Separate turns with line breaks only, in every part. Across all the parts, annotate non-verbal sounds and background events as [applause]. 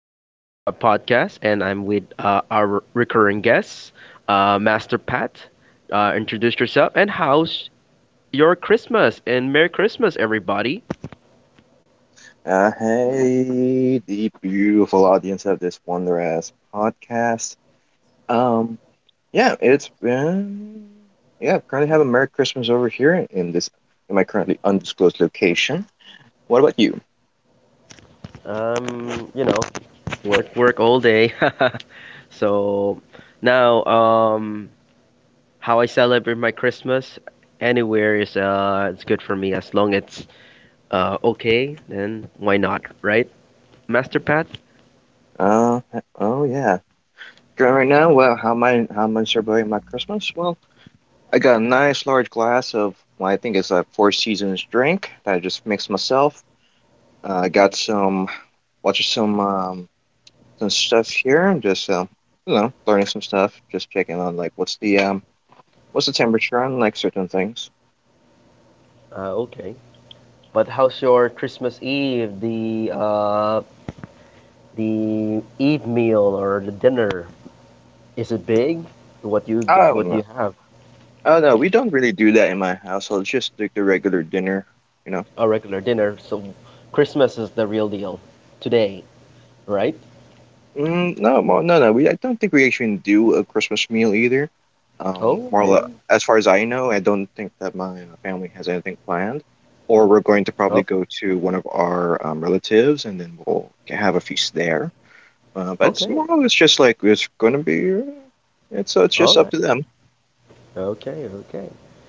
from the What's Up podcast, and I'm with our recurring guest, Master Pat. Introduce yourself and how's your Christmas? And Merry Christmas, everybody.
Hey, the beautiful audience of this wondrous podcast. Um, yeah, it's been yeah. Currently have a Merry Christmas over here in this in my currently undisclosed location. What about you?
Um, you know, work, work all day. [laughs] So now, how I celebrate my Christmas anywhere is it's good for me as long it's okay. Then why not, right, Master Pat?
Uh, oh, yeah. Currently right now, well, how am I celebrating my Christmas? Well, I got a nice large glass of, well, I think it's a Four Seasons drink that I just mixed myself. I got some watched some stuff here. I'm just learning some stuff. Just checking on, like, what's the temperature on, like, certain things.
Okay. But how's your Christmas Eve, the Eve meal or the dinner? Is it big? What you
Oh,
what
no,
you have?
oh, no, we don't really do that in my household. It's just like the regular dinner, you know.
A regular dinner. So Christmas is the real deal today, right?
Mm, no, no, no. We I don't think we actually do a Christmas meal either. Um,
Oh,
more li-
okay.
as far as I know, I don't think that my family has anything planned. Or we're going to
Oh,
probably go to one of our relatives, and then have a feast there. But
okay.
tomorrow, it's just like it's gonna be. It's so it's
All
just
right.
up to them.
Okay, okay.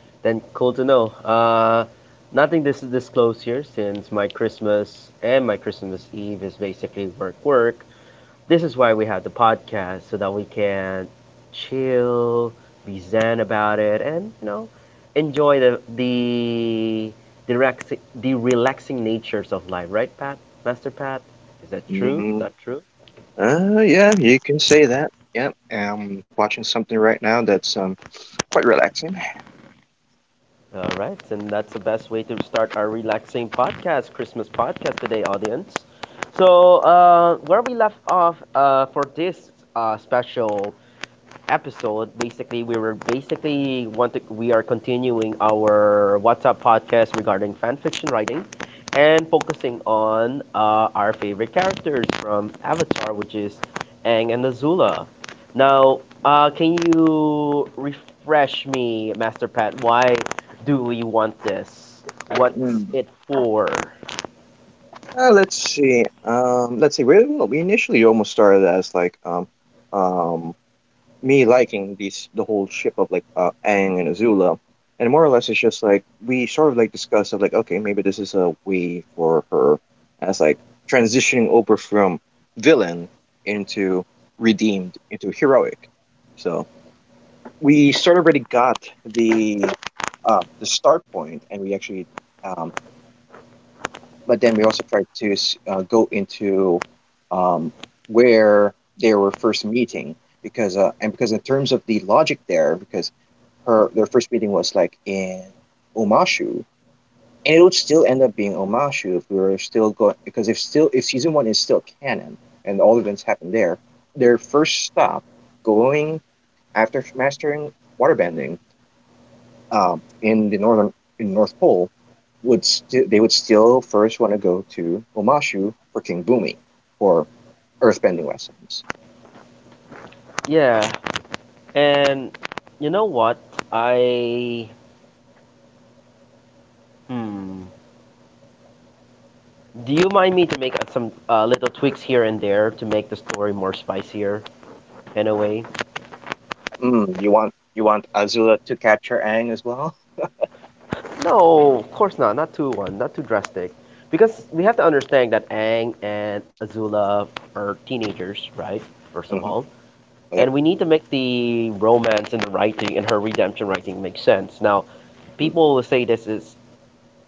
Then cool to know. Nothing this is disclosed here since my Christmas and my Christmas Eve is basically work work. This is why we have the podcast so that we can chill, be zen about it, and enjoy the relaxing natures of life. Right, Pat? Master Pat? Is that true?
Mm,
Not true?
yeah, you can say that. Yeah, I'm watching something right now that's quite relaxing.
All right, and that's the best way to start our relaxing podcast, Christmas podcast today, audience. So, where we left off for this special episode, basically we were basically want to, we are continuing our WhatsApp podcast regarding fan fiction writing and focusing on our favorite characters from Avatar, which is Aang and Azula. Now, can you refresh me, Master Pat? Why do we want this? What's
Mm.
it for?
Let's see. Let's see. Where Well, we initially almost started as, like, um me liking the whole ship of, like, Aang and Azula. And more or less it's just like we sort of like discuss of like, okay, maybe this is a way for her as, like, transitioning over from villain into redeemed into heroic. So we sort of already got the start point, and we actually um but then we also tried to go into, um, where they were first meeting, because in terms of the logic there, because her their first meeting was like in Omashu, and it would still end up being Omashu if we were still going, because if season one is still canon and all events happen there, their first stop going after mastering waterbending, in the northern in North Pole, they would still first want to go to Omashu for King Bumi for earthbending lessons.
Yeah, and you know what? I hmm. Do you mind me to make some little tweaks here and there to make the story more spicier in a way?
You want Azula to capture Aang as well?
No, of course not. Not too one, not too drastic, because we have to understand that Aang and Azula are teenagers, right? First of
Hmm.
all, and
Yep.
we need to make the romance and the writing and her redemption writing make sense. Now,
Mm.
people will say this is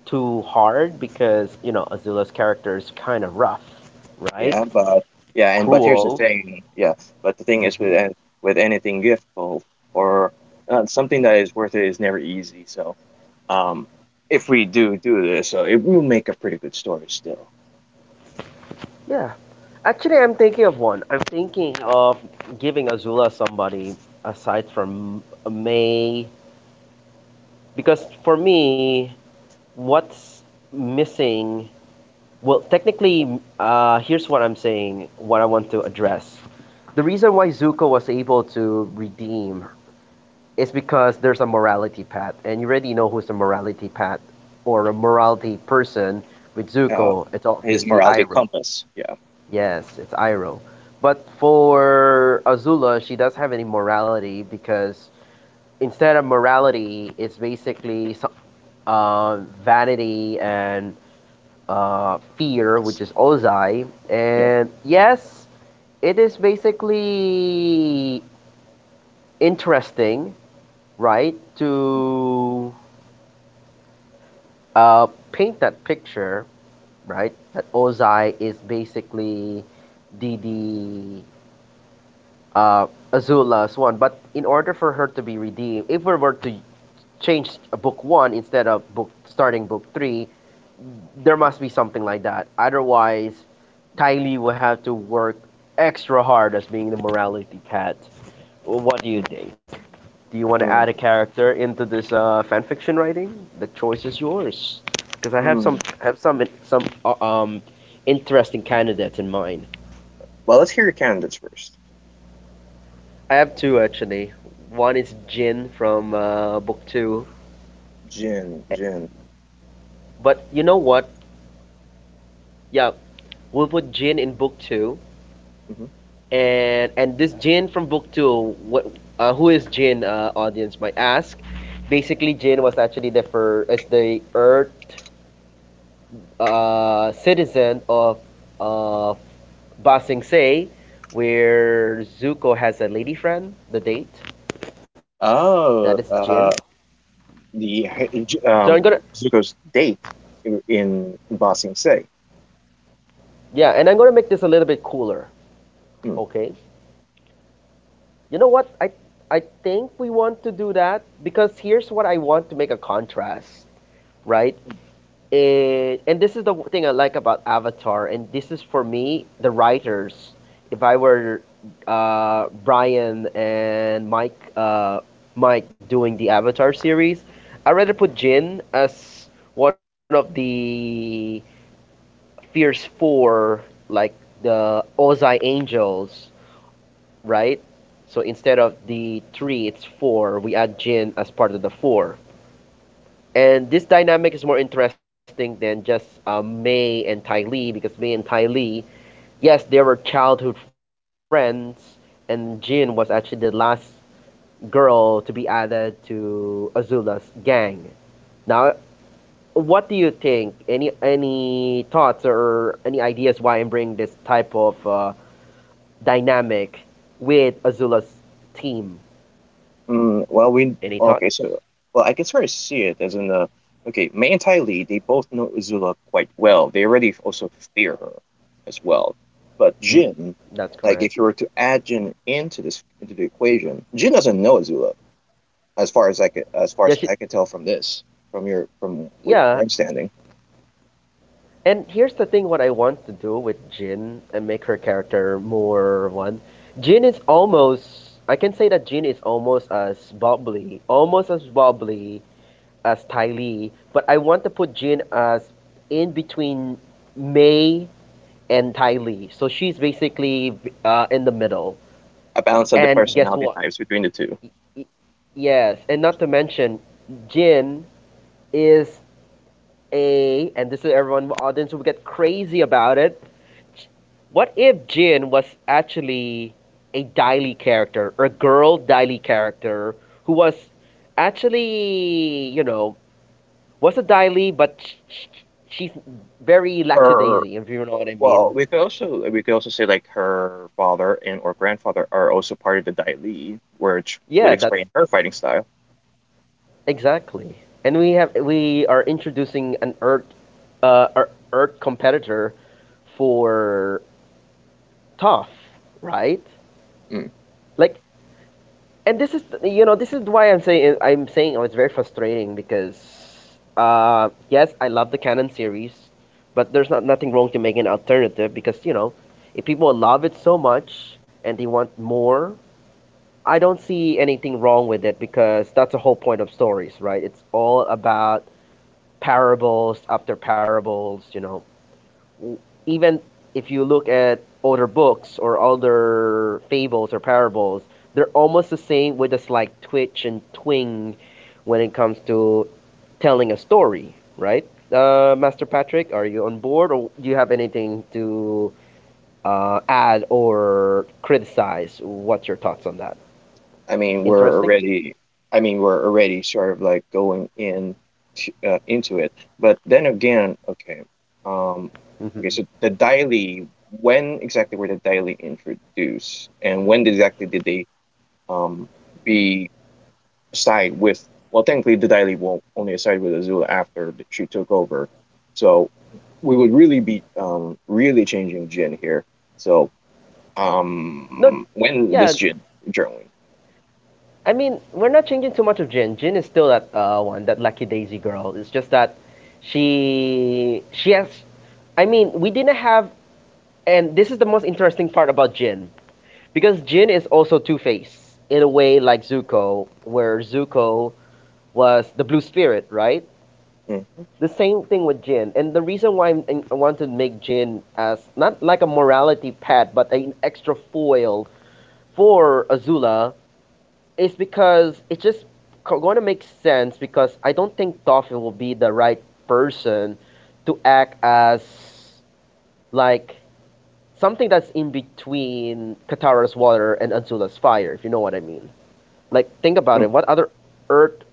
too hard because you know Azula's character is kind of rough, right?
Yeah, but yeah, and but here's the
Cruel.
thing. Yeah, but the thing is
Mhm.
with anything giftful, or something that is worth it is never easy. So, um, if we do do this, it will make a pretty good story still.
Yeah. Actually, I'm thinking of one. I'm thinking of giving Azula somebody aside from May. Because for me, what's missing. Well, technically, here's what I'm saying, what I want to address. The reason why Zuko was able to redeem is because there's a morality path, and you already know who's a morality path or a morality person with
Uh,
Zuko. It's
his
obviously
morality
Iroh.
compass. Yeah.
Yes, it's Iroh. But for Azula, she does have any morality because instead of morality, it's basically uh, vanity and fear, which is Ozai. And yes, it is basically interesting, right, to paint that picture, right, that Ozai is basically the uh, Azula Swan. But in order for her to be redeemed, if we were to change book one instead of book starting book three, there must be something like that. Otherwise, Tylee will have to work extra hard as being the morality cat. What do you
Mm,
think? Do you want to add a
mm,
character into this fanfiction writing? The choice is yours. Because I have
mm.
some interesting candidates in mind.
Well, let's hear your candidates first.
I have two actually. One is Jin from book two.
Jin,
Eh,
Jin.
but you know what? Yeah, we'll put Jin in book two,
Hmm.
and this Jin from book two, who is Jin? Audience might ask. Basically, Jin was actually the for as the Earth citizen of uh, Ba Sing Se, where Zuko has a lady friend. The date that is Jin.
Oh, the
So I'm
h- j-
gonna
um, Zuko's date, in Ba Sing Se.
Yeah, and I'm gonna make this a little bit cooler.
Mm,
Okay, you know what? I think we want to do that because here's what I want to make a contrast, right? And this is the thing I like about Avatar, and this is for me the writers. If I were Brian and Mike doing the Avatar series, I'd rather put Jin as one of the Fierce Four, like the Ozai Angels, right? So instead of the three, it's four. We add Jin as part of the four. And this dynamic is more interesting than just May and Ty Lee because Mei and Ty Lee, yes, they were childhood friends, and Jin was actually the last girl to be added to Azula's gang. Now, what do you think? Any thoughts or any ideas why I'm bringing this type of dynamic with Azula's team?
mm. Well, we
Any
okay. So,
thoughts?
well, I can sort of see it as in, okay, Mei and Tai Lee. They both know Uzula quite well. They already also fear her as well. But
Mm,
Jin,
that's
like, if you
correct.
were to add Jin into the equation, Jin doesn't know Azula, as far as
Yeah, she.
I can tell from this, from where
Yeah,
I'm standing.
and here's the thing: what I want to do with Jin and make her character more one. Jin is almost. I can say that Jin is almost as bubbly as Ty Lee, but I want to put Jin as in between May and Ty Lee. So she's basically in the middle.
A balance of the
And guess
personality
what?
types between the two.
Y- y- Yes, and not to mention, Jin is a and this is everyone in the audience will get crazy about it. What if Jin was actually a Daily character, or a girl Daily character who was actually, was a Daily, but she's very
Her,
lackadaisy, if you know what I
well,
mean.
we could also say, like, her father and or grandfather are also part of the Dai Li, which would
Yeah,
explain
that's
her fighting style.
exactly. And we are introducing an uh, a Earth competitor for Toph, right?
Mm.
Like, and this is why I'm saying oh, it's very frustrating because yes, I love the canon series, but there's not nothing wrong to make an alternative because you know if people love it so much and they want more, I don't see anything wrong with it because that's the whole point of stories, right? It's all about parables after parables, even if you look at older books or older fables or parables, they're almost the same with a slight twitch and twing when it comes to telling a story, right? Master Patrick, are you on board or do you have anything to add or criticize? What's your thoughts on that?
I mean, we're
Interesting?
already, I mean, we're already sort of like going into it, but then again, okay, um, okay, so
Mm-hmm.
the Dai Li, when exactly were the Dai Li introduced, and when exactly did they, um, be side with. Well, technically, the Daily will only side with Azula after she took over, so we would really changing Jin here. So,
No,
when
yeah,
this Jin journaling?
I mean, we're not changing too much of Jin. Jin is still that one, that Lucky Daisy girl. It's just that she has. I mean, we didn't have, and this is the most interesting part about Jin because Jin is also Two Face in a way like Zuko, where Zuko was the Blue Spirit, right?
Mm,
The same thing with Jin, and the reason why I want to make Jin as not like a morality pet, but an extra foil for Azula. It's because it's just going to make sense because I don't think Dolphin will be the right person to act as like something that's in between Katara's water and Azula's fire, if you know what I mean. Like, think about
mm,
it. What other Earth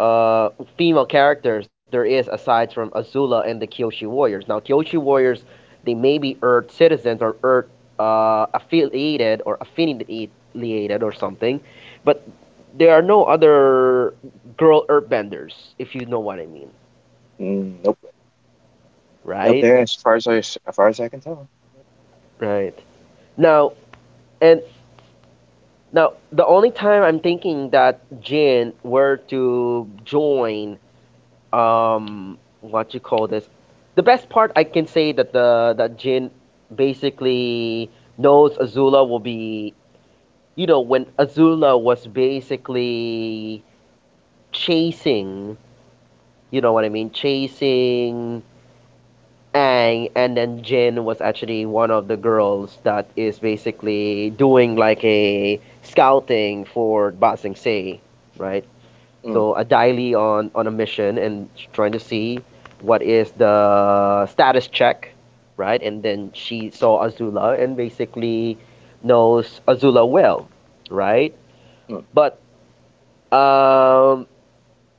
uh, female characters there is aside from Azula and the Kyoshi Warriors. Now, Kyoshi Warriors, they may be Earth citizens or Earth affiliated or something, but there are no other girl Earthbenders, if you know what I mean,
mm, nope, nope.
right?
There, as far as I can tell.
Right. Now, and now the only time I'm thinking that Jin were to join what you call this, the best part I can say that the that Jin basically knows Azula will be, you know, when Azula was basically chasing, you know what I mean, chasing ang and then Jin was actually one of the girls that is basically doing like a scouting for Ba Sing Se, right?
Mm,
So a daily on a mission and trying to see what is the status check, right? And then she saw Azula and basically knows Azula well, right?
mm,
But um,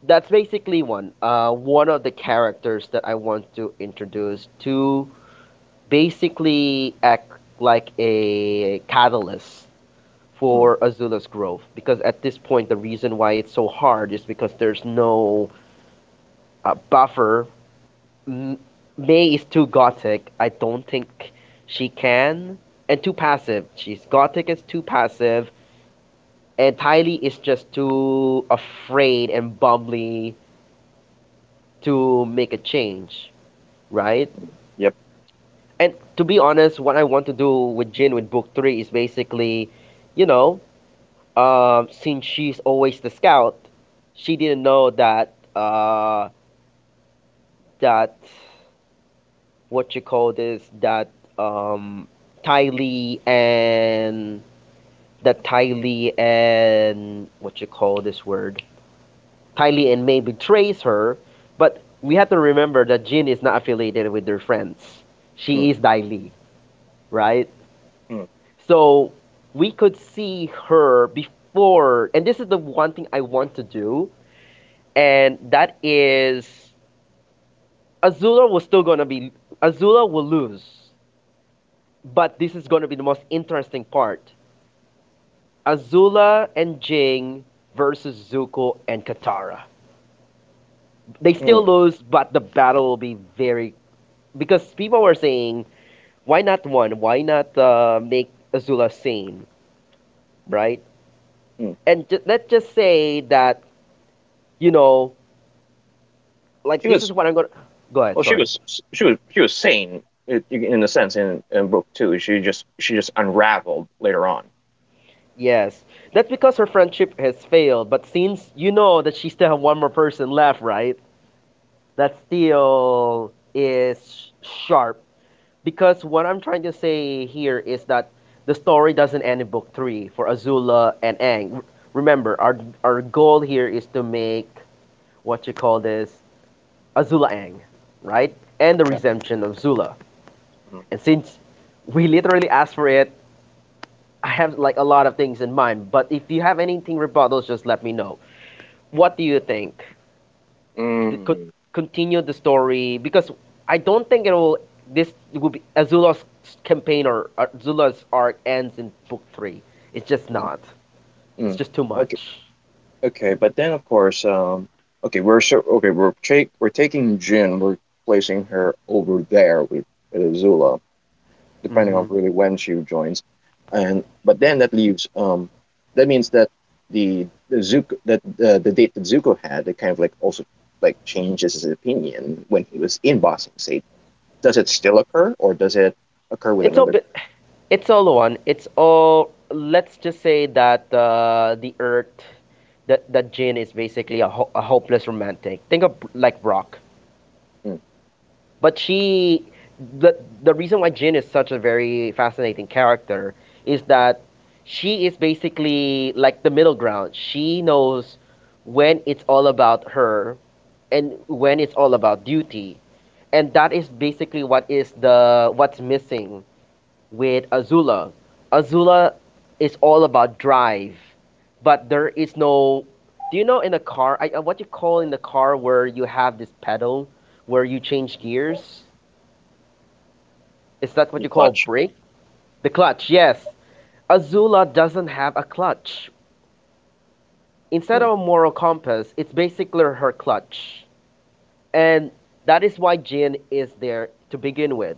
that's basically one of the characters that I want to introduce to basically act like a catalyst
mm,
for Azula's growth because at this point the reason why it's so hard is because there's no buffer. M- May is too gothic. I don't think she can. And too passive. She's gothic is too passive. And Tylee is just too afraid and bumbly to make a change, right?
yep.
And to be honest, what I want to do with Jin with book three is basically, you know, since she's always the scout, she didn't know that that what you call this, that um Ty Lee and that Ty Lee and what you call this word Ty Lee and May betrays her, but we have to remember that Jin is not affiliated with their friends.
Mm,
She is Ty Lee, right?
mm,
So we could see her before, and this is the one thing I want to do, and that is Azula was still gonna be Azula will lose, but this is gonna be the most interesting part. Azula and Jing versus Zuko and Katara. They still
mm,
lose, but the battle will be very, because people were saying, why not one? Why not make Azula sane, right?
mm.
And let's just say that you know, like,
She
this
was
is what I'm gonna. Go ahead.
Well, She
Sorry.
was she was she was sane in a sense, in book two. She just unraveled later on.
Yes, that's because her friendship has failed. But since you know that she still have one more person left, right? That still is sharp. Because what I'm trying to say here is that the story doesn't end in book three for Azula and Aang. Remember, our goal here is to make what you call this Azula Aang, right? And the
Yeah.
redemption of Zula.
Mhm.
And since we literally asked for it, I have like a lot of things in mind. But if you have anything rebuttals, just let me know. What do you think? the, co-
Mm,
Continue the story because I don't think it will. This will be Azula's campaign or Azula's arc ends in book three. It's just
mm,
not. It's
mm.
just too
Okay,
much.
okay, but then of course, okay, we're so okay, we're take we're taking Jin, we're placing her over there with Zula, depending on really when she joins. And but then that means that the Zuko, the date that Zuko had, it kind of like also like changes his opinion when he was in Boston State. Does it still occur, or does it occur with
It's all.
another.
bit- It's all one. It's all. Let's just say that the Earth, that Jin is basically a hopeless romantic. Think of like Brock.
mm,
But she, the reason why Jin is such a very fascinating character is that she is basically like the middle ground. She knows when it's all about her and when it's all about duty. And that is basically what is the what's missing with Azula. Azula is all about drive, but there is no, do you know in a car, I, what you call in the car where you have this pedal where you change gears? Is that what
New
you call
clutch?
break? The clutch, yes. Azula doesn't have a clutch. Instead
Mm,
of a moral compass, it's basically her clutch. And that is why Jin is there to begin with.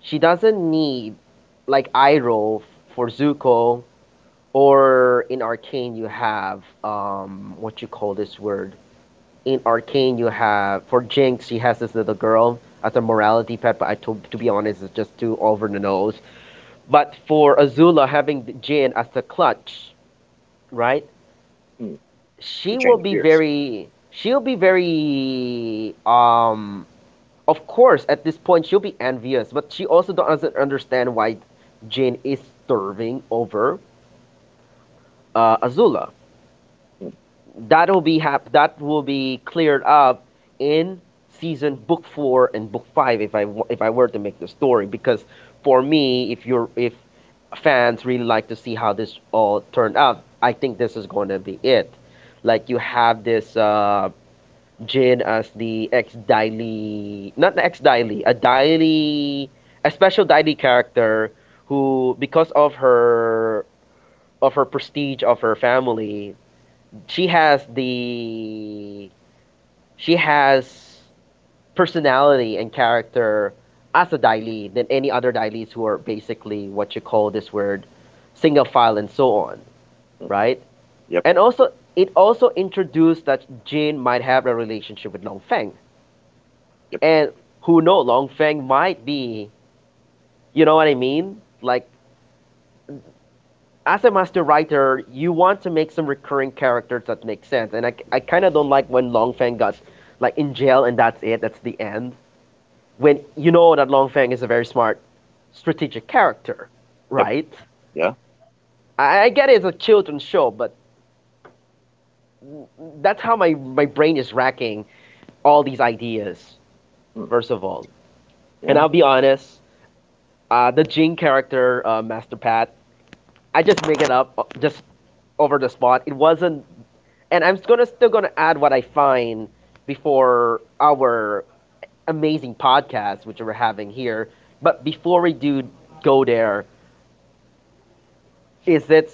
She doesn't need like Iroh for Zuko, or in Arcane you have what you call this word. In Arcane you have, for Jinx she has this little girl as a morality pet, but I, to be honest it's just too over the nose. But for Azula having Jin as the clutch, right?
mm, to
She will
change
be
gears.
very she'll be very, of course at this point she'll be envious, but she also doesn't understand why Jin is starving over Azula.
Mm,
That will be cleared up in season book four and book five, if I were to make the story. Because for me, if fans really like to see how this all turned out, I think this is going to be it. Like you have this Jin as the ex Daily not an ex Daily, a Daily, a special Daily character, who because of her, of her prestige, of her family, she has the she has personality and character as a Daili than any other Dailis who are basically what you call this word, single file and so on,
mm.
right?
Yep.
And also it also introduced that Jin might have a relationship with Long Feng.
Yep.
And who know, Long Feng might be, you know what I mean? Like, as a master writer, you want to make some recurring characters that make sense. And I kind of don't like when Longfang got like in jail and that's it. That's the end. When you know that Longfang is a very smart, strategic character,
Yep.
right?
Yeah.
I get it's a children's show, but that's how my brain is racking all these ideas.
Mm,
First of all, and
yeah.
I'll be honest, the Jing character, Master Pat, I just make it up just over the spot. It wasn't, and I'm gonna still gonna add what I find before our amazing podcast, which we're having here. But before we do go there, is it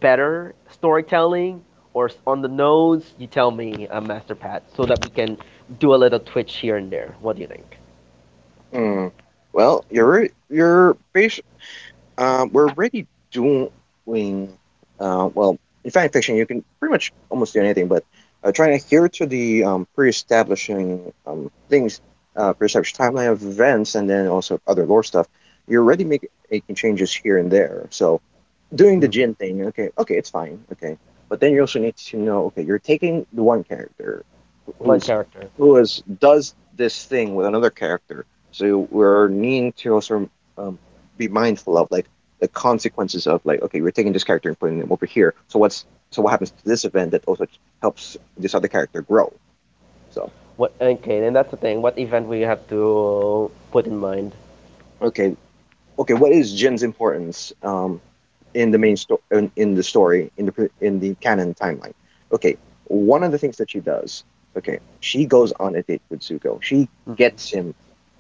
better storytelling or on the nose? You tell me, Master Pat, so that we can do a little twitch here and there. What do you think?
Mm. Well, you're bas- we're already doing, well, in fan fiction. You can pretty much almost do anything, but trying to adhere to the, pre-establishing, things, pre-established timeline of events, and then also other lore stuff. You're already making changes here and there. So doing the
hmm
Jin thing, okay, okay, it's fine, okay. But then you also need to know, okay, you're taking the one character
One
who's
character.
who is does this thing with another character. So we're needing to also, um, be mindful of, like, the consequences of, like, okay, we're taking this character and putting them over here. So what's so what happens to this event that also helps this other character grow? So,
What? Okay, then that's the thing. What event we have to put in mind?
okay, okay, what is Jin's importance? In the main story, in the story, in the canon timeline. Okay, one of the things that she does, okay, she goes on a date with Zuko, she gets
hmm
him.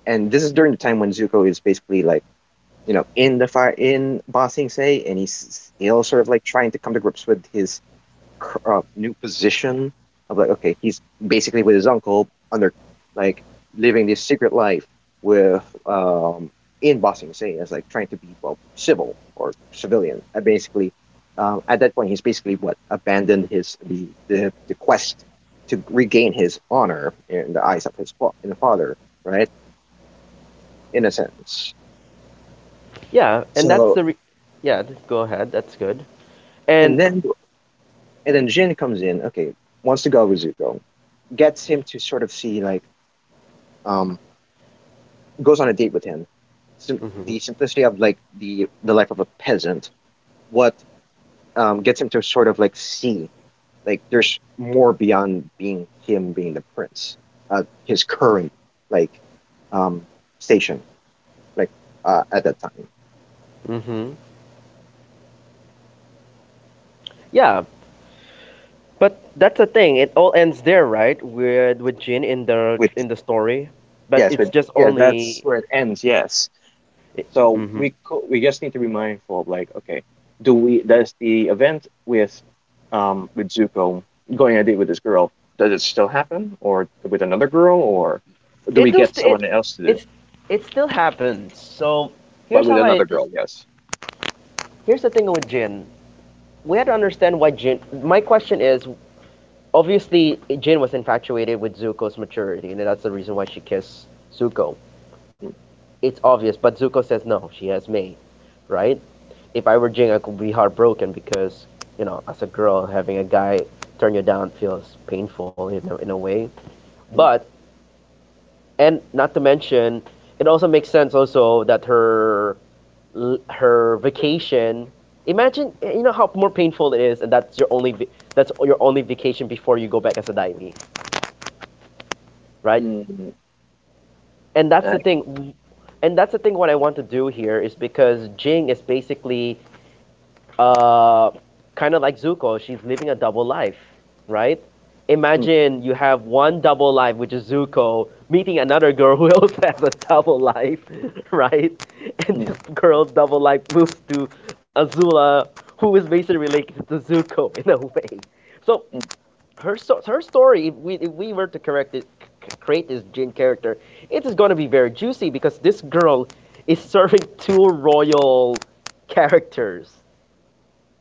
And this is during the time when Zuko is basically like, in the fire in Ba Sing Se, and he's still sort of like trying to come to grips with his new position of like, okay, he's basically with his uncle, under like living this secret life with in Bossing Say, as like trying to be, well, civil or civilian. I basically, at that point, he's basically what abandoned his the quest to regain his honor in the eyes of his in the father, right, in a sense.
Yeah, and
So
yeah, go ahead. That's good. And
and then and then Jin comes in, okay, wants to go with Zuko, gets him to sort of see, like, um goes on a date with him. The simplicity of, like, the life of a peasant. What Gets him to sort of like see, like, there's more beyond being the prince. His current, like, um, station, like, at that time.
hmm yeah, but that's the thing. It all ends there, right? With Jin
Which
in the story, but
Yes,
it's
with
just
yeah, that's
only.
where it ends. Yes. So
Mm-hmm.
we just need to be mindful of like, okay, do we does the event with, with Zuko going on a date with this girl, does it still happen, or with another girl, or do
It
we
do
get
st- it
someone else to do?
it's it still happens. So
But
here's how
with
I
another
this
girl, yes.
here's the thing with Jin. We had to understand why Jin. My question is, obviously Jin was infatuated with Zuko's maturity, and that's the reason why she kissed Zuko.
Mm,
It's obvious, but Zuko says no. She has me, right? If I were Jing, I could be heartbroken because, you know, as a girl, having a guy turn you down feels painful in in a way.
mm,
But, and not to mention, it also makes sense also that her, her vacation. Imagine eh, you know how more painful it is, and that's your only that's your only vacation before you go back as a daimi, right?
mm, mm,
And that's the
I-
thing, and that's the thing. What I want to do here is because Jing is basically uh, kind of like Zuko, she's living a double life, right?
mm,
Imagine you have one double life, which is Zuko, meeting another girl who [laughs] also has a double life, [laughs] right? And
mm,
this girl's double life moves to Azula, who is basically related to Zuko [laughs] in a way. So
mm.
her story, if we were to correct it, create this Jin character, it is going to be very juicy because this girl is serving two royal characters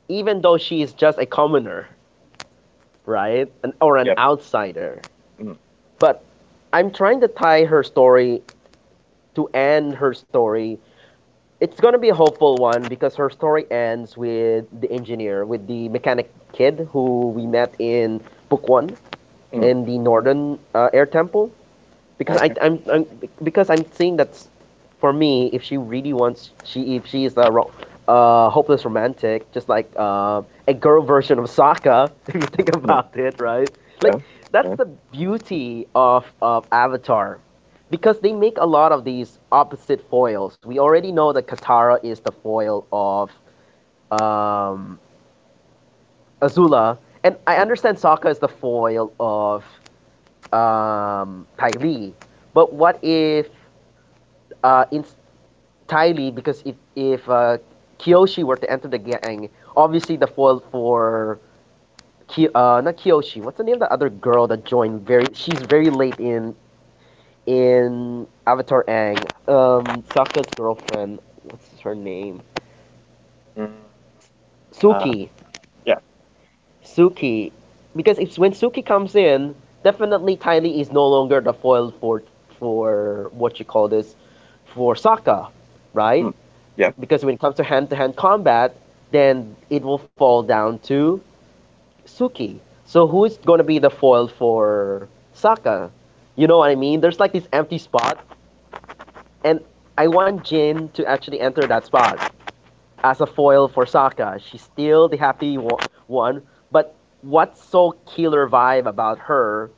even though she is just a commoner, right? An, or an
Yep.
outsider.
Mm,
But I'm trying to tie her story, to end her story. It's going to be a hopeful one because her story ends with the engineer, with the mechanic kid who we met in book one
mm,
in the Northern Air Temple.
okay.
I'm, because I'm saying that for me, if she really wants, she if she is a hopeless romantic, just like a girl version of Sokka, [laughs] if you think
Mm,
about it, right? Like,
yeah.
that's
Yeah.
the beauty of Avatar, because they make a lot of these opposite foils. We already know that Katara is the foil of um, Azula, and I understand Sokka is the foil of Ty Lee. But what if uh, entirely, because if Kyoshi were to enter the gang, obviously the foil for not Kyoshi. What's the name of the other girl that joined? Very, she's very late in Avatar Aang. Sokka's girlfriend. What's her name?
Mm, uh,
Suki.
yeah.
Suki. Because if when Suki comes in, definitely Tylee is no longer the foil for what you call this, for Sokka, right?
Mm, yep.
Because when it comes to hand-to-hand combat, then it will fall down to Suki. So who's gonna be the foil for Saka? You know what I mean? There's like this empty spot, and I want Jin to actually enter that spot as a foil for Saka. She's still the happy one, but what's so killer vibe about her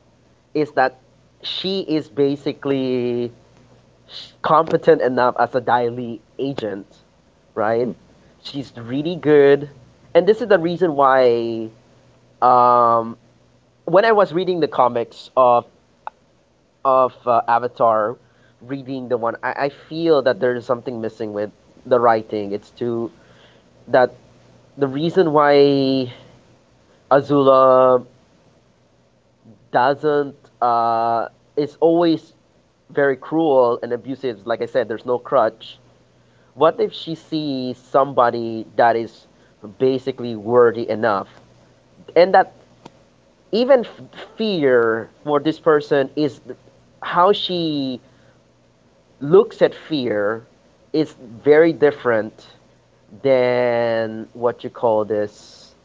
is that she is basically competent enough as a Daily agent, right?
Mm,
She's really good, and this is the reason why. Um, when I was reading the comics of Avatar, reading the one, I feel that there is something missing with the writing. It's too, that the reason why Azula doesn't is always very cruel and abusive. Like I said, there's no crutch. What if she sees somebody that is basically worthy enough? And that even fear for this person is, how she looks at fear is very different than what you call this,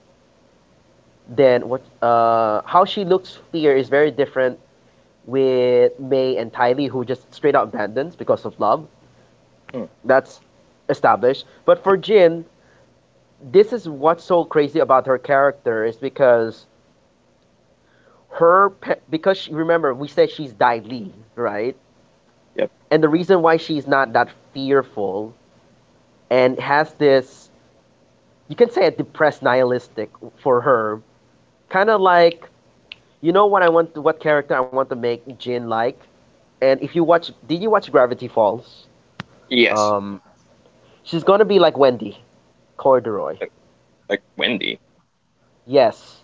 than what how she looks fear is very different with May and Tylee who just straight out abandons because of love.
mm,
That's established, but for Jin, this is what's so crazy about her character, is because because she, remember we said she's Dai Lee, right?
yep.
And the reason why she's not that fearful and has this, you can say a depressed nihilistic, for her, kind of like, you know what I want, to, what character I want to make Jin like? And if you watch, did you watch Gravity Falls?
Yes.
Um, she's gonna be like Wendy Corduroy.
Like like Wendy,
Yes,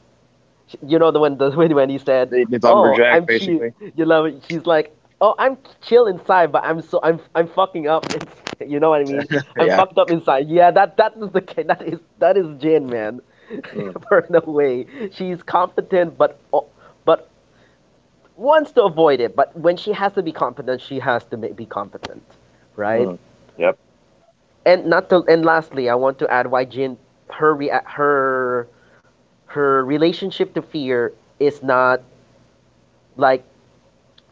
you know the when the [laughs] when he said,
the
"Oh,
lumberjack,
I'm chill,"
basically.
you love it. She's like, "Oh, I'm chill inside, but I'm so I'm fucking up." [laughs] It's, you know what I mean?
[laughs]
I'm
Yeah.
fucked up inside. Yeah, that is that is that is Jin, man. [laughs]
Mm,
Burn away. She's competent, but but wants to avoid it. But when she has to be competent, she has to be competent, right?
mm. Yep.
And not to, and lastly, I want to add why Jin, her her relationship to fear is not like,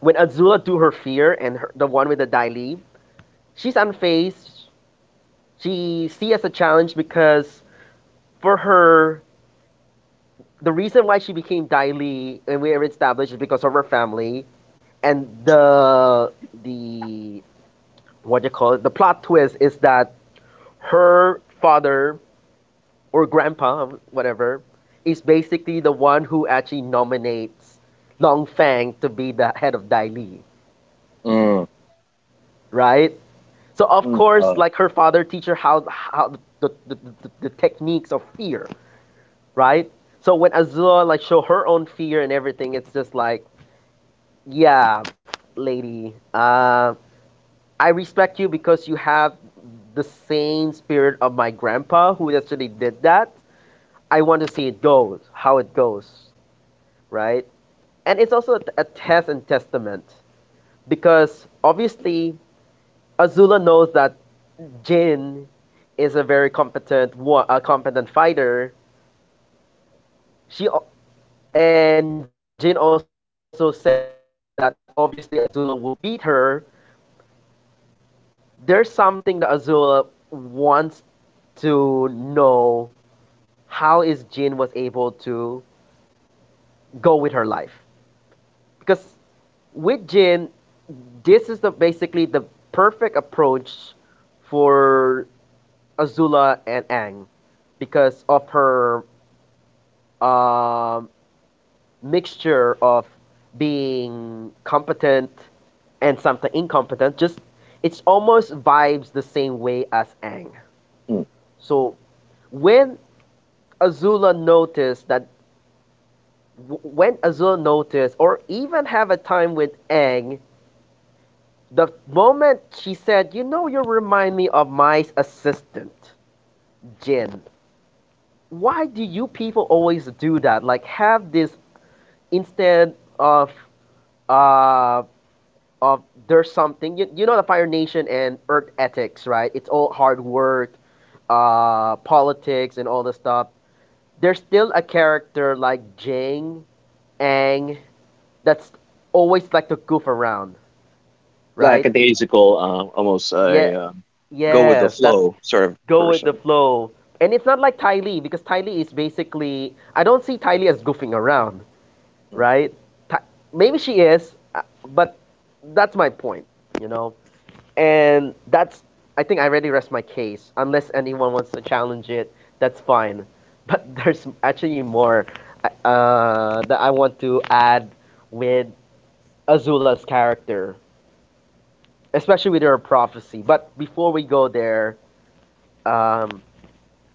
when Azula do her fear and her, the one with the Daily, she's unfazed. She sees as a challenge because for her, the reason why she became Dai Li and we are established is because of her family and the what do you call it the plot twist is that her father or grandpa whatever is basically the one who actually nominates Long Fang to be the head of Dai Li,
Mm.
right? So of
Mm,
course, like her father teach her how the techniques of fear, right? So when Azula like show her own fear and everything, it's just like, yeah, lady, I respect you because you have the same spirit of my grandpa who actually did that. I want to see it goes, how it goes, right? And it's also a test and testament because obviously Azula knows that Jin is a very competent war, a competent fighter. She al- and Jin also says that obviously Azula will beat her. There's something that Azula wants to know how is Jin was able to go with her life because with Jin, this is the basically the perfect approach for Azula and Ang because of her um, mixture of being competent and sometimes incompetent just it's almost vibes the same way as Ang.
mm.
So when Azula noticed that when Azula noticed or even have a time with Ang, the moment she said, "You know, you remind me of my assistant, Jin." Why do you people always do that? Like have this instead of uh of there's something you, you know the Fire Nation and Earth ethics, right? It's all hard work, politics, and all the stuff. There's still a character like Jing Ang that's always like to goof around, right?
Lackadaisical. Almost
Yeah,
a, go with the
yes, that's
flow sort of
go with the
person.
flow. And it's not like Ty Lee because Ty Lee is basically I don't see Ty Lee as goofing around,
Mm.
right? Ty, maybe she is, but that's my point, you know. And that's, I think I already rest my case. Unless anyone wants to challenge it, that's fine. [laughs] But there's actually more that I want to add with Azula's character, especially with her prophecy. But before we go there, um,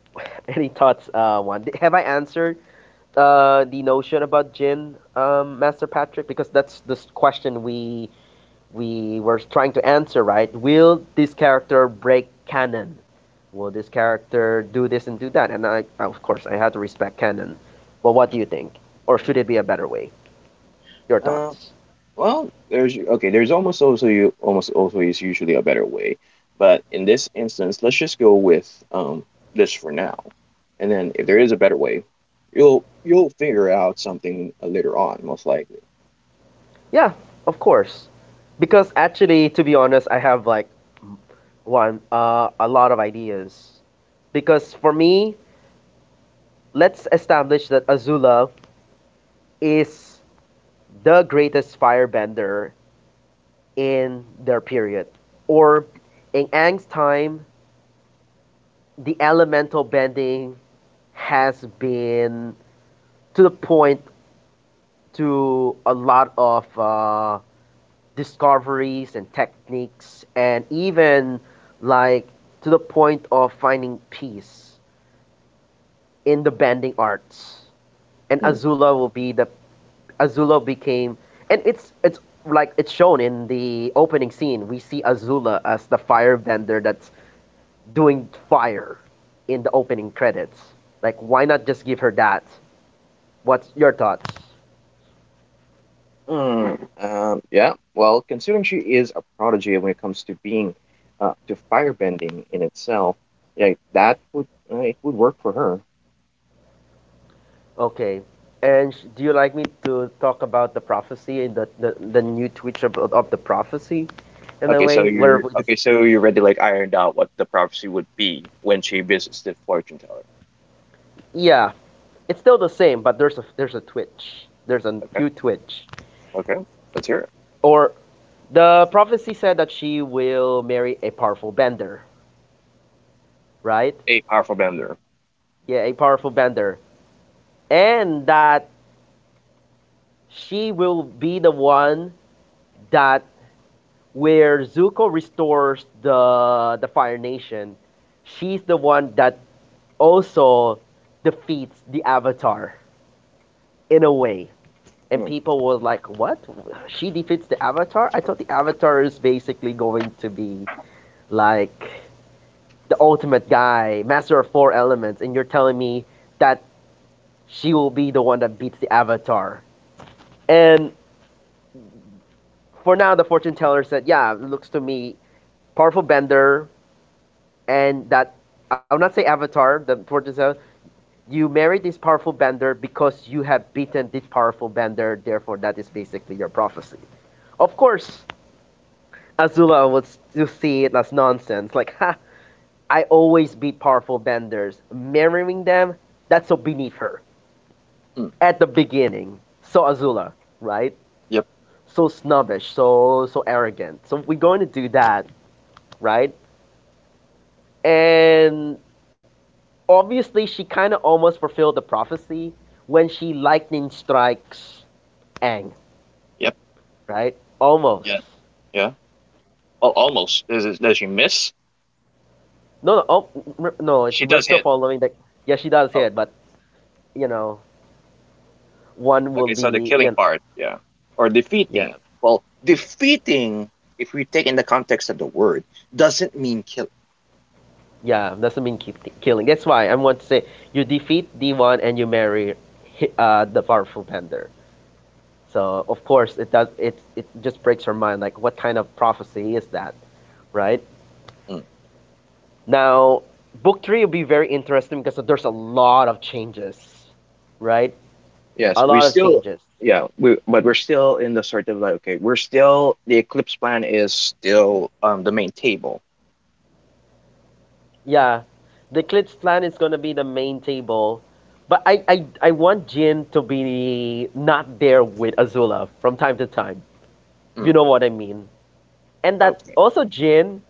[laughs] any thoughts, Juan? Have I answered the notion about Jin, Master Patrick? Because that's the question we were trying to answer, right? Will this character break canon? Will this character do this and do that? And I, of course, I had to respect canon. But what do you think? Or should it be a better way? Your
Uh,
thoughts?
well, there's okay. There's almost also, you almost also is usually a better way, but in this instance, let's just go with, this for now. And then if there is a better way, you'll figure out something, later on, most likely.
Yeah, of course. Because actually, to be honest, I have like one a lot of ideas. Because for me, let's establish that Azula is the greatest firebender in their period. Or in Aang's time, the elemental bending has been to the point to a lot of discoveries and techniques, and even like to the point of finding peace in the bending arts. And
Mm.
Azula will be the Azula became, and it's like it's shown in the opening scene. We see Azula as the firebender that's doing fire in the opening credits. Like, why not just give her that? What's your thoughts?
Yeah, well, considering she is a prodigy when it comes to being to firebending in itself, like, that would it would work for her.
Okay. And sh- do you like me to talk about the prophecy and the new twitch of the prophecy in a
Okay, so
way where we just
you already like ironed out what the prophecy would be when she visits the fortune teller.
yeah, it's still the same, but there's a twitch. There's a
Okay,
few twitch.
okay, let's hear it.
Or the prophecy said that she will marry a powerful bender, right?
A powerful bender.
Yeah, a powerful bender, and that she will be the one that where Zuko restores the Fire Nation she's the one that also defeats the Avatar in a way. And
Mm,
people were like, what? She defeats the Avatar? I thought the Avatar is basically going to be like the ultimate guy, master of four elements, and you're telling me that she will be the one that beats the Avatar. And for now, the fortune teller said, yeah, looks to me powerful bender, and that I would not say Avatar, the fortune teller you marry this powerful bender because you have beaten this powerful bender, therefore that is basically your prophecy. Of course, Azula would still see it as nonsense, like, ha, I always beat powerful benders. Marrying them, that's so beneath her.
mm,
At the beginning. So Azula, right?
yep,
So snobbish, so arrogant. So we're going to do that, right? And obviously she kinda almost fulfilled the prophecy when she lightning strikes Aang
yep,
right? Almost.
yeah, yeah. Well, almost. Does she miss?
No, no, al- no. It's
She
we're
does
still
hit.
following. Like, yeah, she does
Oh.
it, but you know, one will
Okay, so the
be,
killing
you know,
part, yeah. Or
yeah,
defeating. Well, defeating, if we take in the context of the word, doesn't mean killing.
yeah. Doesn't mean ki- killing. That's why I want to say you defeat D one and you marry, hi- the powerful Bender. So of course it does. It just breaks her mind. Like, what kind of prophecy is that, right?
Mm.
Now, book three will be very interesting because there's a lot of changes, right?
Yes,
A
we
lot of
still,
changes.
yeah, we but we're still in the sort of like, okay, we're still the eclipse plan is still, the main table.
Yeah, the Glitz plan is gonna be the main table, but I want Jin to be not there with Azula from time to time. If you
Mm.
know what I mean? And that
Okay.
also Jin,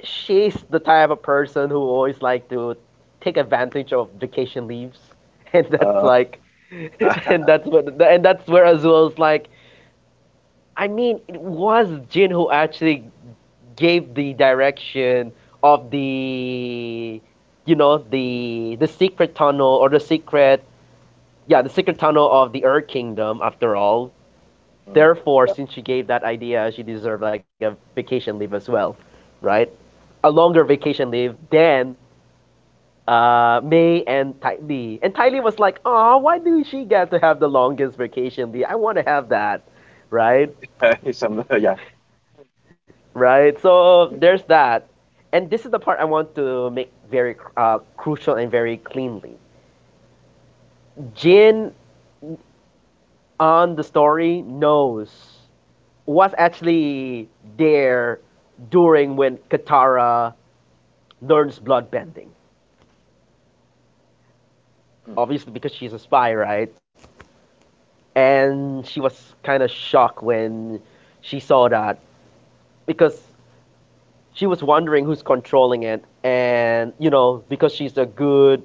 she's the type of person who always like to take advantage of vacation leaves, [laughs] and that's
Uh.
like, [laughs]
[laughs]
and that's what and that's where Azula's like. I mean, it was Jin who actually gave the direction of the you know the secret tunnel or the secret yeah the secret tunnel of the Earth Kingdom after all.
Mm,
Therefore,
yeah.
since she gave that idea, she deserved like a vacation leave as well, right? A longer vacation leave than May and Ty Lee. And Ty Lee was like, "Oh, why do she get to have the longest vacation leave? I want to have that, right?"
[laughs] Some, yeah.
Right? So
Mm,
there's that. And this is the part I want to make very crucial and very cleanly. Jin on the story knows what's actually there during when Katara learns bloodbending. Obviously, because she's a spy, right? And she was kind of shocked when she saw that because she was wondering who's controlling it. And, you know, because she's a good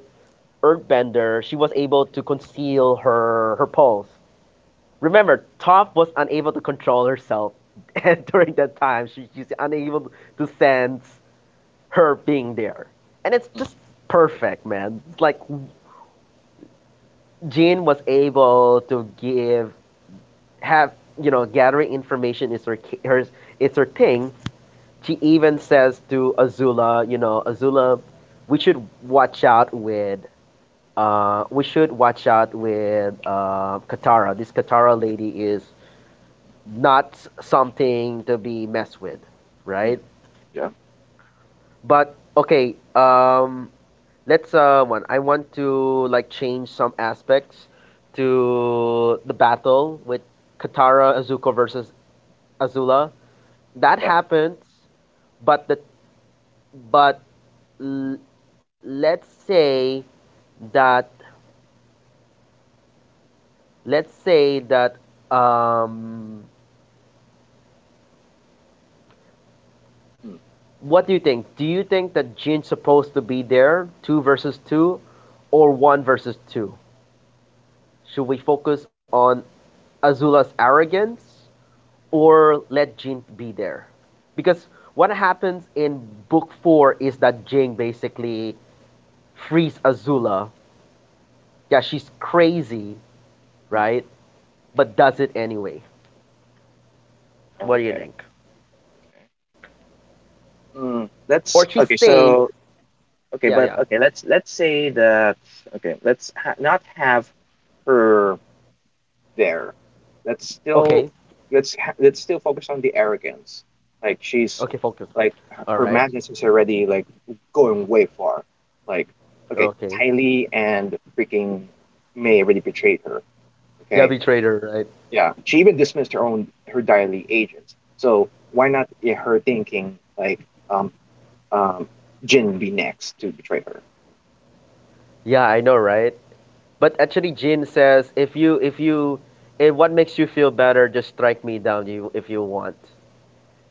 Earthbender. She was able to conceal her pulse. Remember, Toph was unable to control herself, [laughs] and during that time, she's unable to sense her being there. And it's
mm,
just perfect, man. It's like Jean was able to give have you know gathering information is her it's her thing. She even says to Azula, you know, Azula, we should watch out with Katara. This Katara lady is not something to be messed with,
mm.
right?
Yeah.
But okay, let's one. I want to like change some aspects to the battle with Katara Azuko versus Azula. That
Yeah.
happens, but but l- let's say that let's say that um,
Mm,
what do you think? Do you think that Jin's supposed to be there, two versus two, or one versus two? Should we focus on Azula's arrogance or let Jin be there? Because what happens in book four is that Jin basically frees Azula. Yeah, she's crazy,
mm.
right? But does it anyway. What do you
Okay.
think?
Mm.
Or she's
That's okay.
sane.
So,
Yeah,
okay,
yeah.
but okay, let's say that okay, not have her there. Let's
Okay.
still let's still focus on the arrogance. Like
Okay,
she's
focus.
like,
All
her
right.
madness is already like going way far. Like, okay,
Okay.
Tylee and freaking May already betrayed her.
Yeah,
Okay,
betrayed her, right?
yeah, she even dismissed her own, her Tylee agents. So why not, her thinking like, um Jin be next to betray her?
Yeah, I know, right? But actually, Jin says, if what makes you feel better, just strike me down you if you want.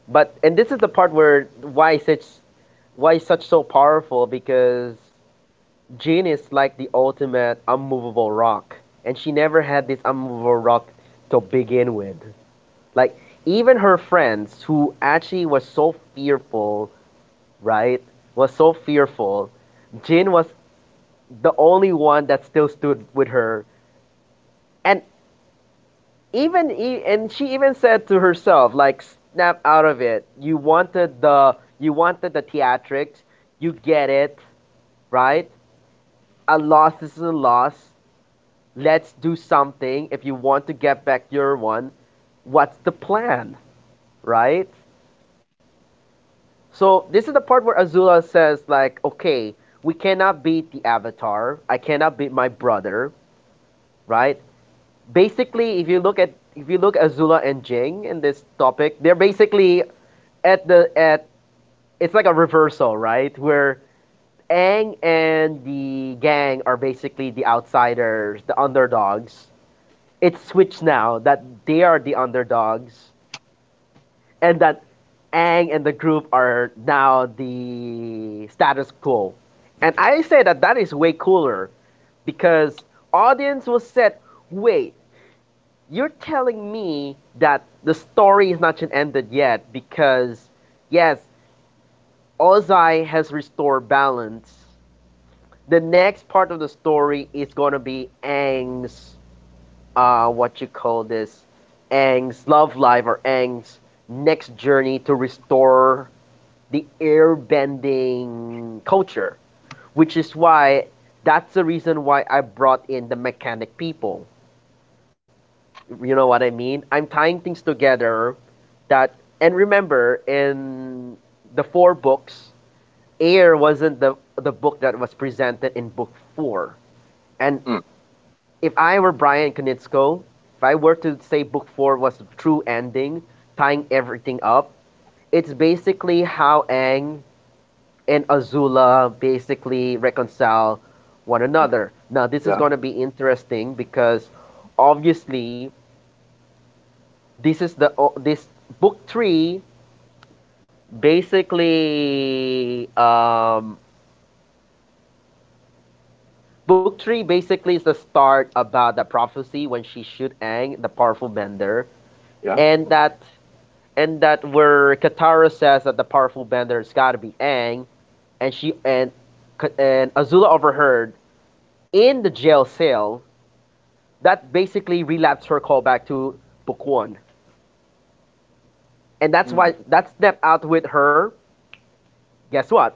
But and this is the part where why such so powerful because Jin is like the ultimate unmovable rock, and she never had this unmovable rock to begin with. Like even her friends who actually was so fearful, right? Was so fearful. Jin was the only one that still stood with her and and she even said to herself like snap out of it you wanted the theatrics you get it right a loss is a loss let's do something if you want to get back your one what's the plan right so this is the part where Azula says like okay we cannot beat the Avatar I cannot beat my brother right basically if you look at Azula and Jing in this topic they're basically at it's like a reversal, right? Where Aang and the gang are basically the outsiders, the underdogs. It's switched now that they are the underdogs and that Aang and the group are now the status quo. And I say that that is way cooler because audience was said, wait, you're telling me that the story is not yet ended yet because yes, Ozai has restored balance the next part of the story is going to be Aang's, what you call this, Aang's love life or Aang's next journey to restore the airbending culture, which is why that's the reason why I brought in the mechanic people. You know what I mean? I'm tying things together that, and remember, in the four books, air wasn't the book that was presented in book four and
Mm,
if I were Brian Konitsko, if I were to say book four was the true ending, tying everything up, it's basically how Aang and Azula basically reconcile one
mm.
another. Now this is
Yeah.
gonna be interesting because obviously this is the o- this book three basically um, book three basically is the start about the prophecy when she shoot Aang, the powerful bender,
Yeah.
and that and that where Katara says that the powerful bender has got to be Aang, and she and Azula overheard in the jail cell. That basically relapsed her call back to Book One, and that's
Mm.
why that snapped out with her. Guess what?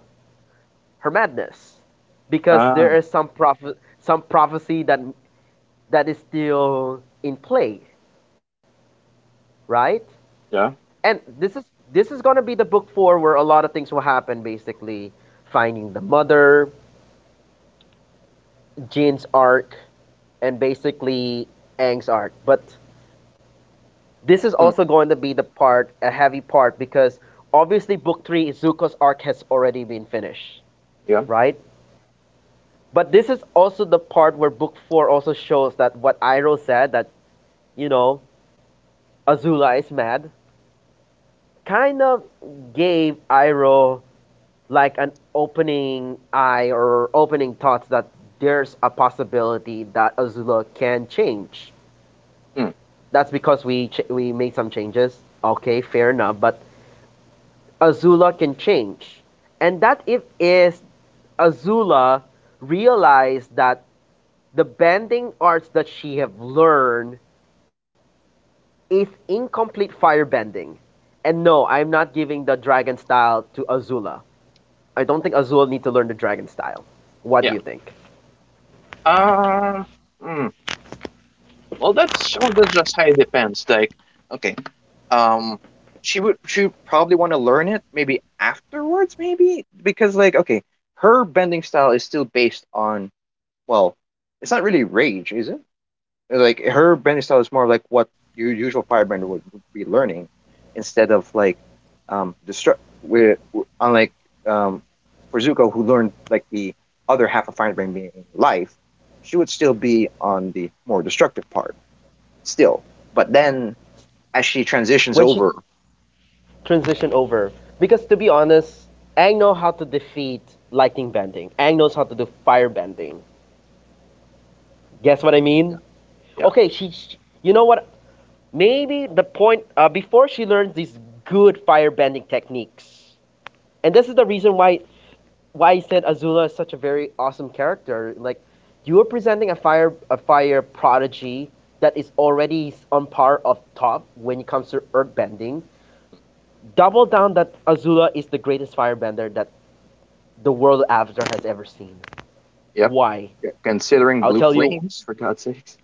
Her madness, because
Ah,
there is some prophecy that is still in play, right?
yeah.
And this is gonna be the book four where a lot of things will happen. Basically, finding the mother, Jin's arc, and basically Aang's arc. But this is
Mm.
also going to be the part, a heavy part, because obviously book three, Zuko's arc has already been finished,
Yeah.
right? But this is also the part where book four also shows that what Iroh said, that, you know, Azula is mad, kind of gave Iroh like an opening eye or opening thoughts that there's a possibility that Azula can change.
Mm.
That's because we made some changes. Okay, fair enough. But Azula can change. And that if is Azula realized that the bending arts that she have learned is incomplete fire bending. And no, I'm not giving the dragon style to Azula. I don't think Azula need to learn the dragon style. What do
Yeah.
you think?
Uh, mm. Well, that's just how it depends. Okay, um, she would probably want to learn it maybe afterwards, maybe because her bending style is still based on well, it's not really rage, is it? Like her branding style is more like what your usual firebrand would be learning instead of destruct where unlike um for Zuko who learned like the other half of firebrand being life, she would still be on the more destructive part still, but then as she transitions
When she
over.
transition over, because to be honest, Ang know how to defeat lightning bending. Ang knows how to do fire bending. Guess what I mean?
Yeah.
Okay, she you know what maybe the point before she learns these good firebending techniques. And this is the reason why I said Azula is such a very awesome character. Like you are presenting a fire prodigy that is already on par of top when it comes to earthbending. Double down that Azula is the greatest firebender that the world of avatar has ever seen.
Yep.
Why?
Yeah, considering
I'll
blue
tell you
flames, for God's sakes.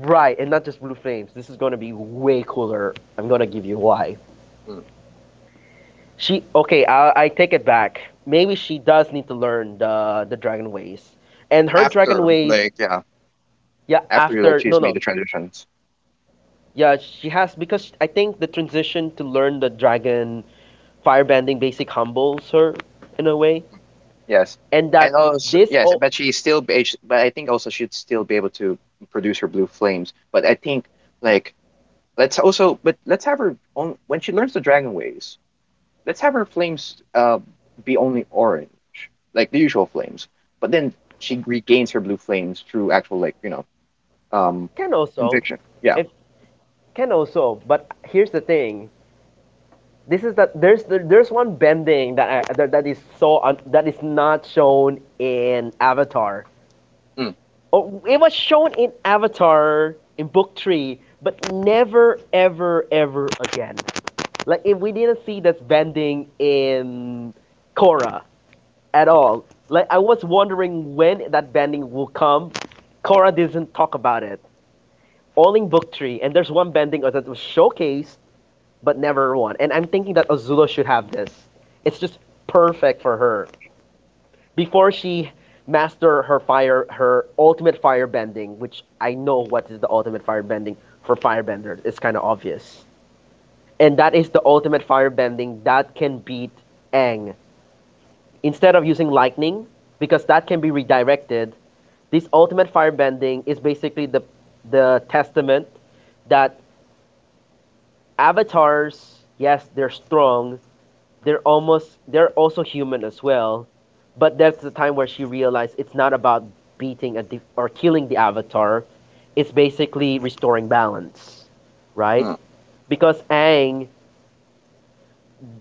right, and not just blue flames. This is gonna be way cooler. I'm gonna give you why.
Mm.
She okay. I take it back. Maybe she does need to learn the dragon ways, and her dragon
After
ways.
yeah,
Yeah,
after like
after no
she's made the
no.
transitions.
Yeah, she has because I think the transition to learn the dragon firebending basic humbles her in a way,
Yes.
and
And
that
also,
this
yes,
o-
but she's still, be- sh- but I think also she'd still be able to produce her blue flames. But I think, like, but let's have her on when she learns the dragon ways. Let's have her flames be only orange, like the usual flames. But then she regains her blue flames through actual, um,
can also,
conviction. Yeah.
if can also. But here's the thing. This is that there's one bending that that is that is not shown in Avatar.
Mm,
Oh, it was shown in Avatar in Book Three, but never, ever, ever again. Like if we didn't see this bending in Korra at all, like I was wondering when that bending will come. Korra doesn't talk about it. All in Book Three, and there's one bending that was showcased but never one. And I'm thinking that Azula should have this. It's just perfect for her before she master her ultimate fire bending, which I know what is the ultimate fire bending for firebenders. It's kind of obvious. And that is the ultimate fire bending that can beat Aang. Instead of using lightning, because that can be redirected, this ultimate fire bending is basically the testament that avatars, yes, they're strong, they're also human as well, but that's the time where she realized it's not about or killing the avatar, it's basically restoring balance, right?
mm,
Because Aang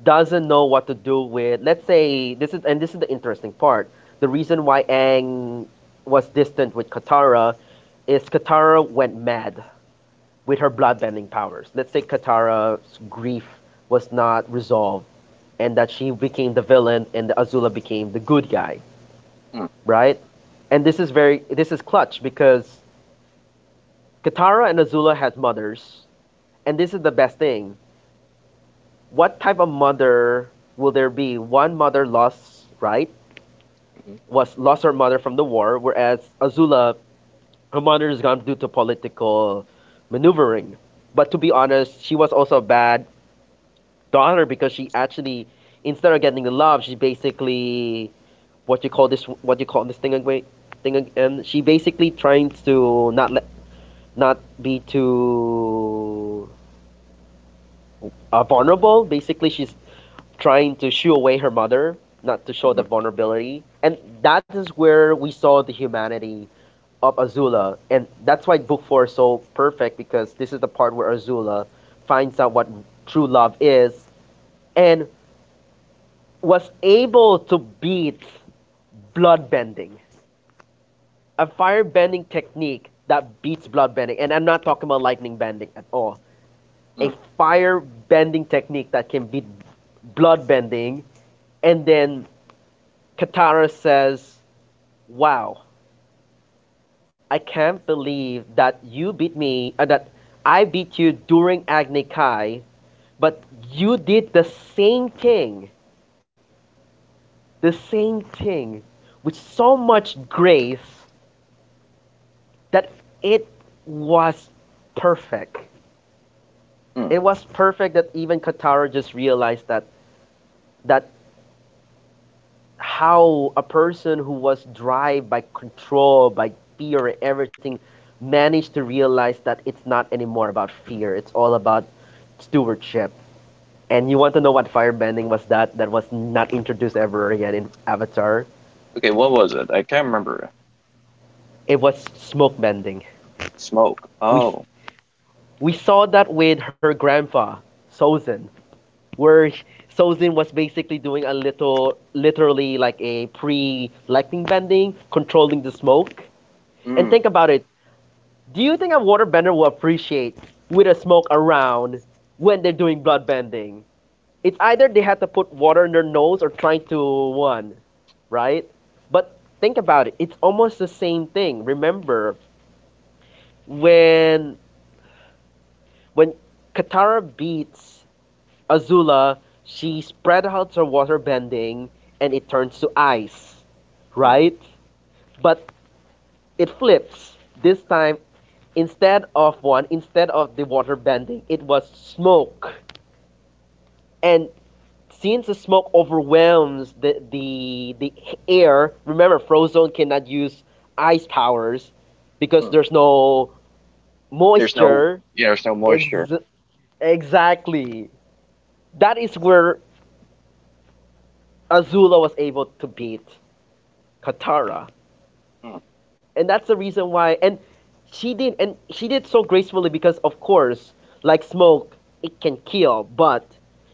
doesn't know what to do with, let's say, this is — and this is the interesting part — the reason why Aang was distant with Katara is Katara went mad with her bloodbending powers. Let's say Katara's grief was not resolved, and that she became the villain and Azula became the good guy,
mm,
right? And this is clutch because Katara and Azula had mothers, and this is the best thing. What type of mother will there be? One mother lost, right?
mhm,
Was lost her mother from the war, whereas Azula, her mother is gone due to political maneuvering. But to be honest, she was also a bad daughter because she actually instead of getting the love, she basically what you call this what you call this thing again she basically trying to not let not be too vulnerable, basically she's trying to shoo away her mother, not to show the
mhm,
vulnerability, and that is where we saw the humanity of Azula. And that's why book four is so perfect, because this is the part where Azula finds out what true love is, and was able to beat bloodbending, a fire bending technique that beats blood bending, and I'm not talking about lightning bending at all. A
mm,
fire bending technique that can beat blood bending, and then Katara says, "Wow, I can't believe that you beat me, that I beat you during Agni Kai, but you did same thing, the same thing, with so much grace that it was perfect."
mm.
It was perfect that even Katara just realized that that how a person who was driven by control, by fear and everything, managed to realize that it's not anymore about fear. It's all about stewardship. And you want to know what firebending was that was not introduced ever again in Avatar?
Okay, what was it? I can't remember.
It was smoke bending.
Smoke.
We
Oh.
we saw that with her grandpa, Sozin. where sh- Sozin was basically doing a little, literally like a pre-lightning bending, controlling the smoke. And
Mm,
think about it. Do you think a waterbender will appreciate with a smoke around when they're doing blood bending? It's either they had to put water in their nose or trying to one, right? But think about it. It's almost the same thing. Remember when when Katara beats Azula, she spread out her water bending and it turns to ice,
mm,
right? But it flips. This time, instead of one, instead of the water bending, it was smoke. And since the smoke overwhelms the air, remember, Frozone cannot use ice powers because
mm.
there's no
There's no,
moisture.
you know, there's no moisture.
Ex- exactly. That is where Azula was able to beat Katara.
Mm,
And that's the reason why. And she did so gracefully because, of course, like smoke, it can kill, but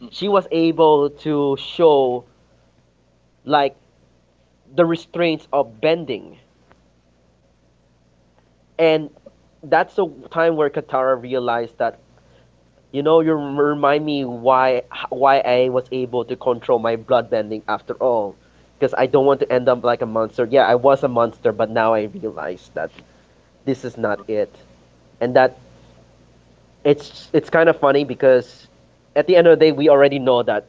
mm.
she was able to show like the restraints of bending, and that's the time where Katara realized that, you know, remind me why I was able to control my blood bending after all. Because I don't want to end up like a monster. Yeah, I was a monster, but now I realize that this is not it, and that it's kind of funny because at the end of the day, we already know that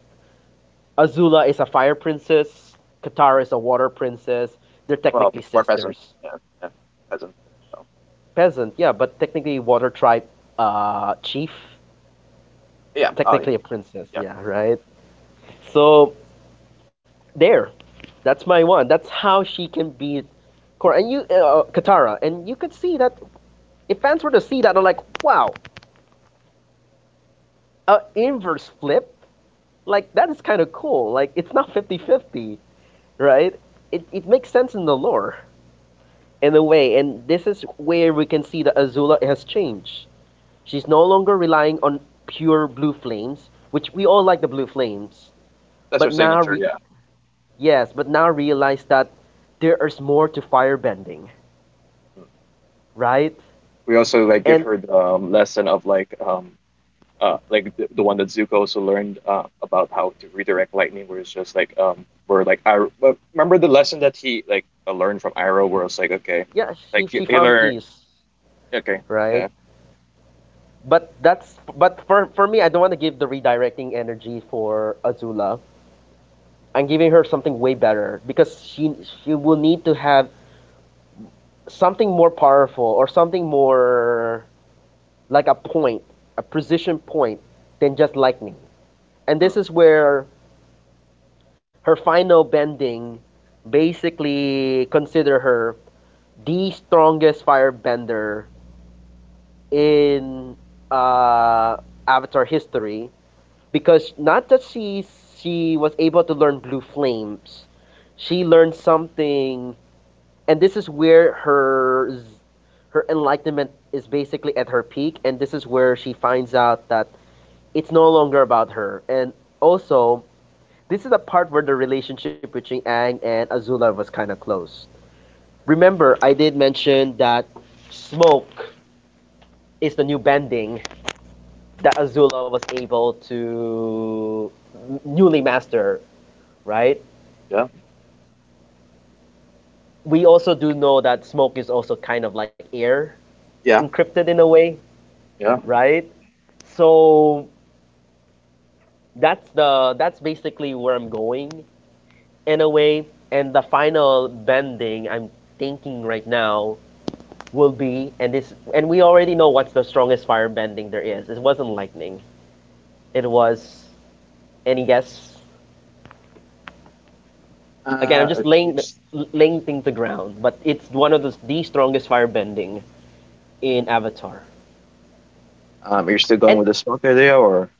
Azula is a fire princess, Katara is a water princess. They're
Well,
technically
more peasant,
sisters.
yeah, yeah, peasant. So
Peasant, yeah, but technically water tribe chief,
yeah, oh yeah,
technically a princess,
yeah.
yeah, right. So there, that's my one. That's how she can beat Korra and you, Katara, and you could see that if fans were to see that, I'm like, wow, a inverse flip, like that is kind of cool. Like it's not fifty-fifty, right? It makes sense in the lore, in a way, and this is where we can see that Azula has changed. She's no longer relying on pure blue flames, which we all like the blue flames,
That's
but
her
now,
signature. Yeah.
yes, but now realize that there is more to firebending,
Mm.
right?
We also like give
And
her the lesson of like the one that Zuko also learned about how to redirect lightning, where it's just where like I well, remember the lesson that he learned from Iroh, where it's like okay,
yeah,
like he,
she
he
found
learned
peace,
okay,
right?
yeah.
But that's but for me, I don't want to give the redirecting energy for Azula. I'm giving her something way better because she will need to have something more powerful or something more like a point, a precision point than just lightning. And
Mm.
this is where her final bending basically consider her the strongest firebender in uh, Avatar history, because not that she was able to learn blue flames, she learned something, and this is where her enlightenment is basically at her peak and this is where she finds out that it's no longer about her, and also this is the part where the relationship between Aang and Azula was kind of close. Remember I did mention that smoke is the new bending that Azula was able to newly master, right?
Yeah,
We also do know that smoke is also kind of like air
yeah,
encrypted in a way,
yeah.
right? So that's the that's basically where I'm going, in a way. And the final bending I'm thinking right now will be — and this and we already know what's the strongest fire bending there is. It wasn't lightning. It was, any guess? Again, I'm
Uh,
just
you're,
laying
just,
laying thing to ground, but it's one of the strongest fire bending in Avatar.
you're still going
And
with the smoke idea, or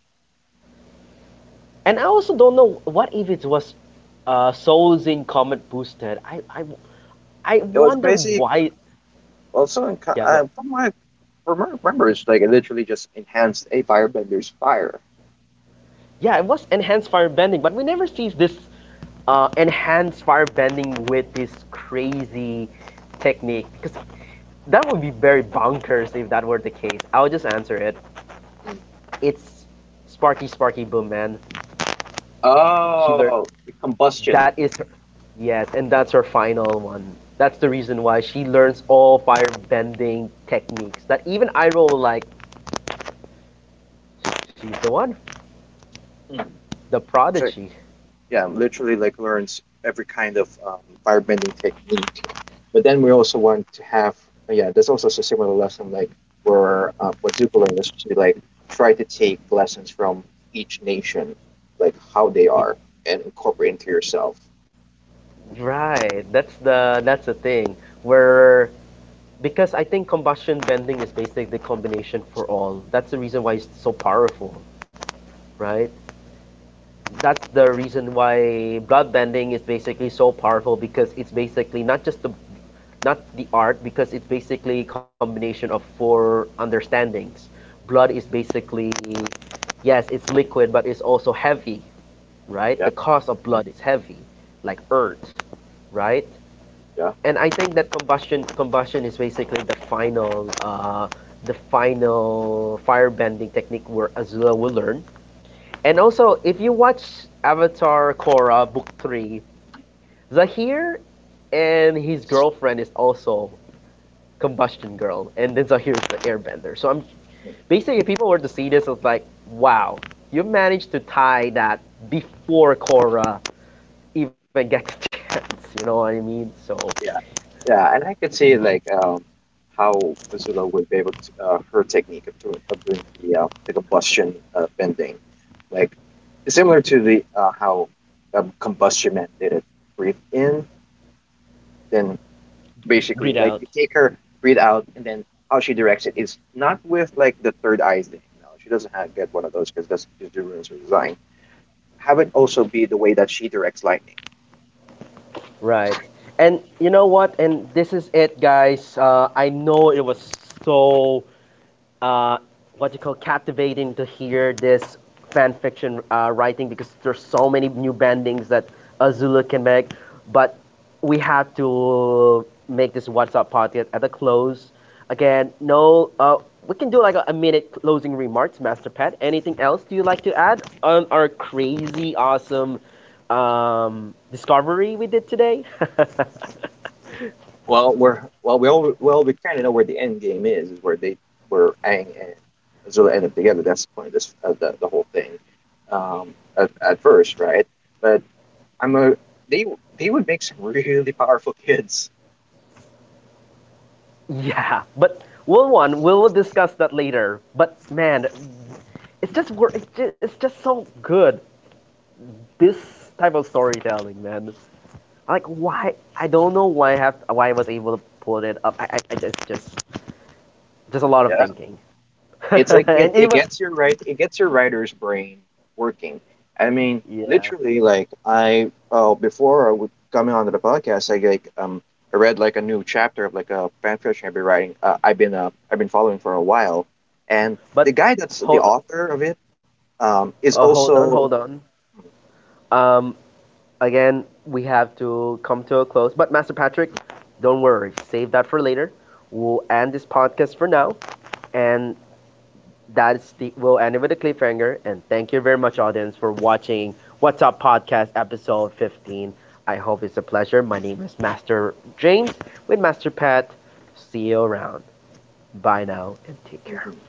and I also don't know what, if it was Souls in Comet boosted. I
it was
wonder
basically
why.
Well, so in, co-
Yeah,
uh,
go.
from my from my memories, like it literally just enhanced a firebender's fire.
Yeah, it was enhanced firebending, but we never see this enhanced firebending with this crazy technique, because that would be very bonkers if that were the case. I'll just answer it. It's Sparky Sparky Boom Man. She learned,
Oh, the combustion.
that is her, yes, and that's her final one. That's the reason why she learns all firebending techniques. That even I roll like, she's the one,
Mm.
the
So
prodigy.
yeah, literally like learns every kind of firebending technique. But then we also want to have yeah, there's also a similar lesson like where what Zuko learned is to like try to take lessons from each nation, like how they
Y-
are, and incorporate into yourself.
Right. That's the thing where, because I think combustion bending is basically the combination for all. That's the reason why it's so powerful, right? That's the reason why blood bending is basically so powerful because it's basically not just the not the art because it's basically a combination of four understandings. Blood is basically, yes, it's liquid but it's also heavy, right? The
Yeah.
cost of
Mhm.
blood is heavy, like earth, right?
Yeah.
And I think that combustion is basically the final firebending technique where Azula will learn. And also, if you watch Avatar Korra Book Three, Zahir and his girlfriend is also combustion girl, and then Zahir is the Airbender. So I'm basically, if people were to see this, it's like, wow, you managed to tie that before Korra even gets [laughs] a chance. You know what I mean? So
Yeah, yeah, and I could see like how Azula would be able to her technique of doing the combustion bending, like similar to the how combustion man did it. Breathe in, then
read
basically like
out.
you take her breathe out, and then how she directs it is not with like the third eye thing. No, she doesn't have get one of those because that's just the rules of design. Have it also be the way that she directs lightning.
Right. And you know what? And this is it, guys. I know it was so uh, what you call captivating to hear this fan fiction writing because there's so many new bendings that Azula can make. But we have to make this WhatsApp podcast at the close. Again, no, we can do like a minute closing remarks, Master Pat. Anything else do you like to add on our crazy, awesome discovery we did today?
Well, we're well, we all well, we kind of know where the end game is where they where Aang and Azula end up together. That's the point of this of the whole thing. At first, right? But I'm a they they would make some really powerful [laughs] kids.
[laughs] Yeah, but we'll discuss that later. But man, it's just so good. This type of storytelling, man. Like why I don't know why I have why I was able to pull it up. I just just a lot of
Yeah,
thinking, [laughs]
it's like
and
it
even
gets your right it gets your writer's brain working. I mean,
yeah.
literally, like I oh before I would coming onto the podcast, I read like a new chapter of like a fan fiction I've been writing. I've been following for a while, and the
But
guy that's the
hold
author of it is
hold on
also
Um, again we have to come to a close. But Master Patrick, don't worry, save that for later. We'll end this podcast for now, and that is Steve Will ending with a cliffhanger, and thank you very much, audience, for watching What's Up Podcast episode 15. I hope it's a pleasure. My name is Master James, with Master Pat. See you around. Bye now and take care.
Mhm.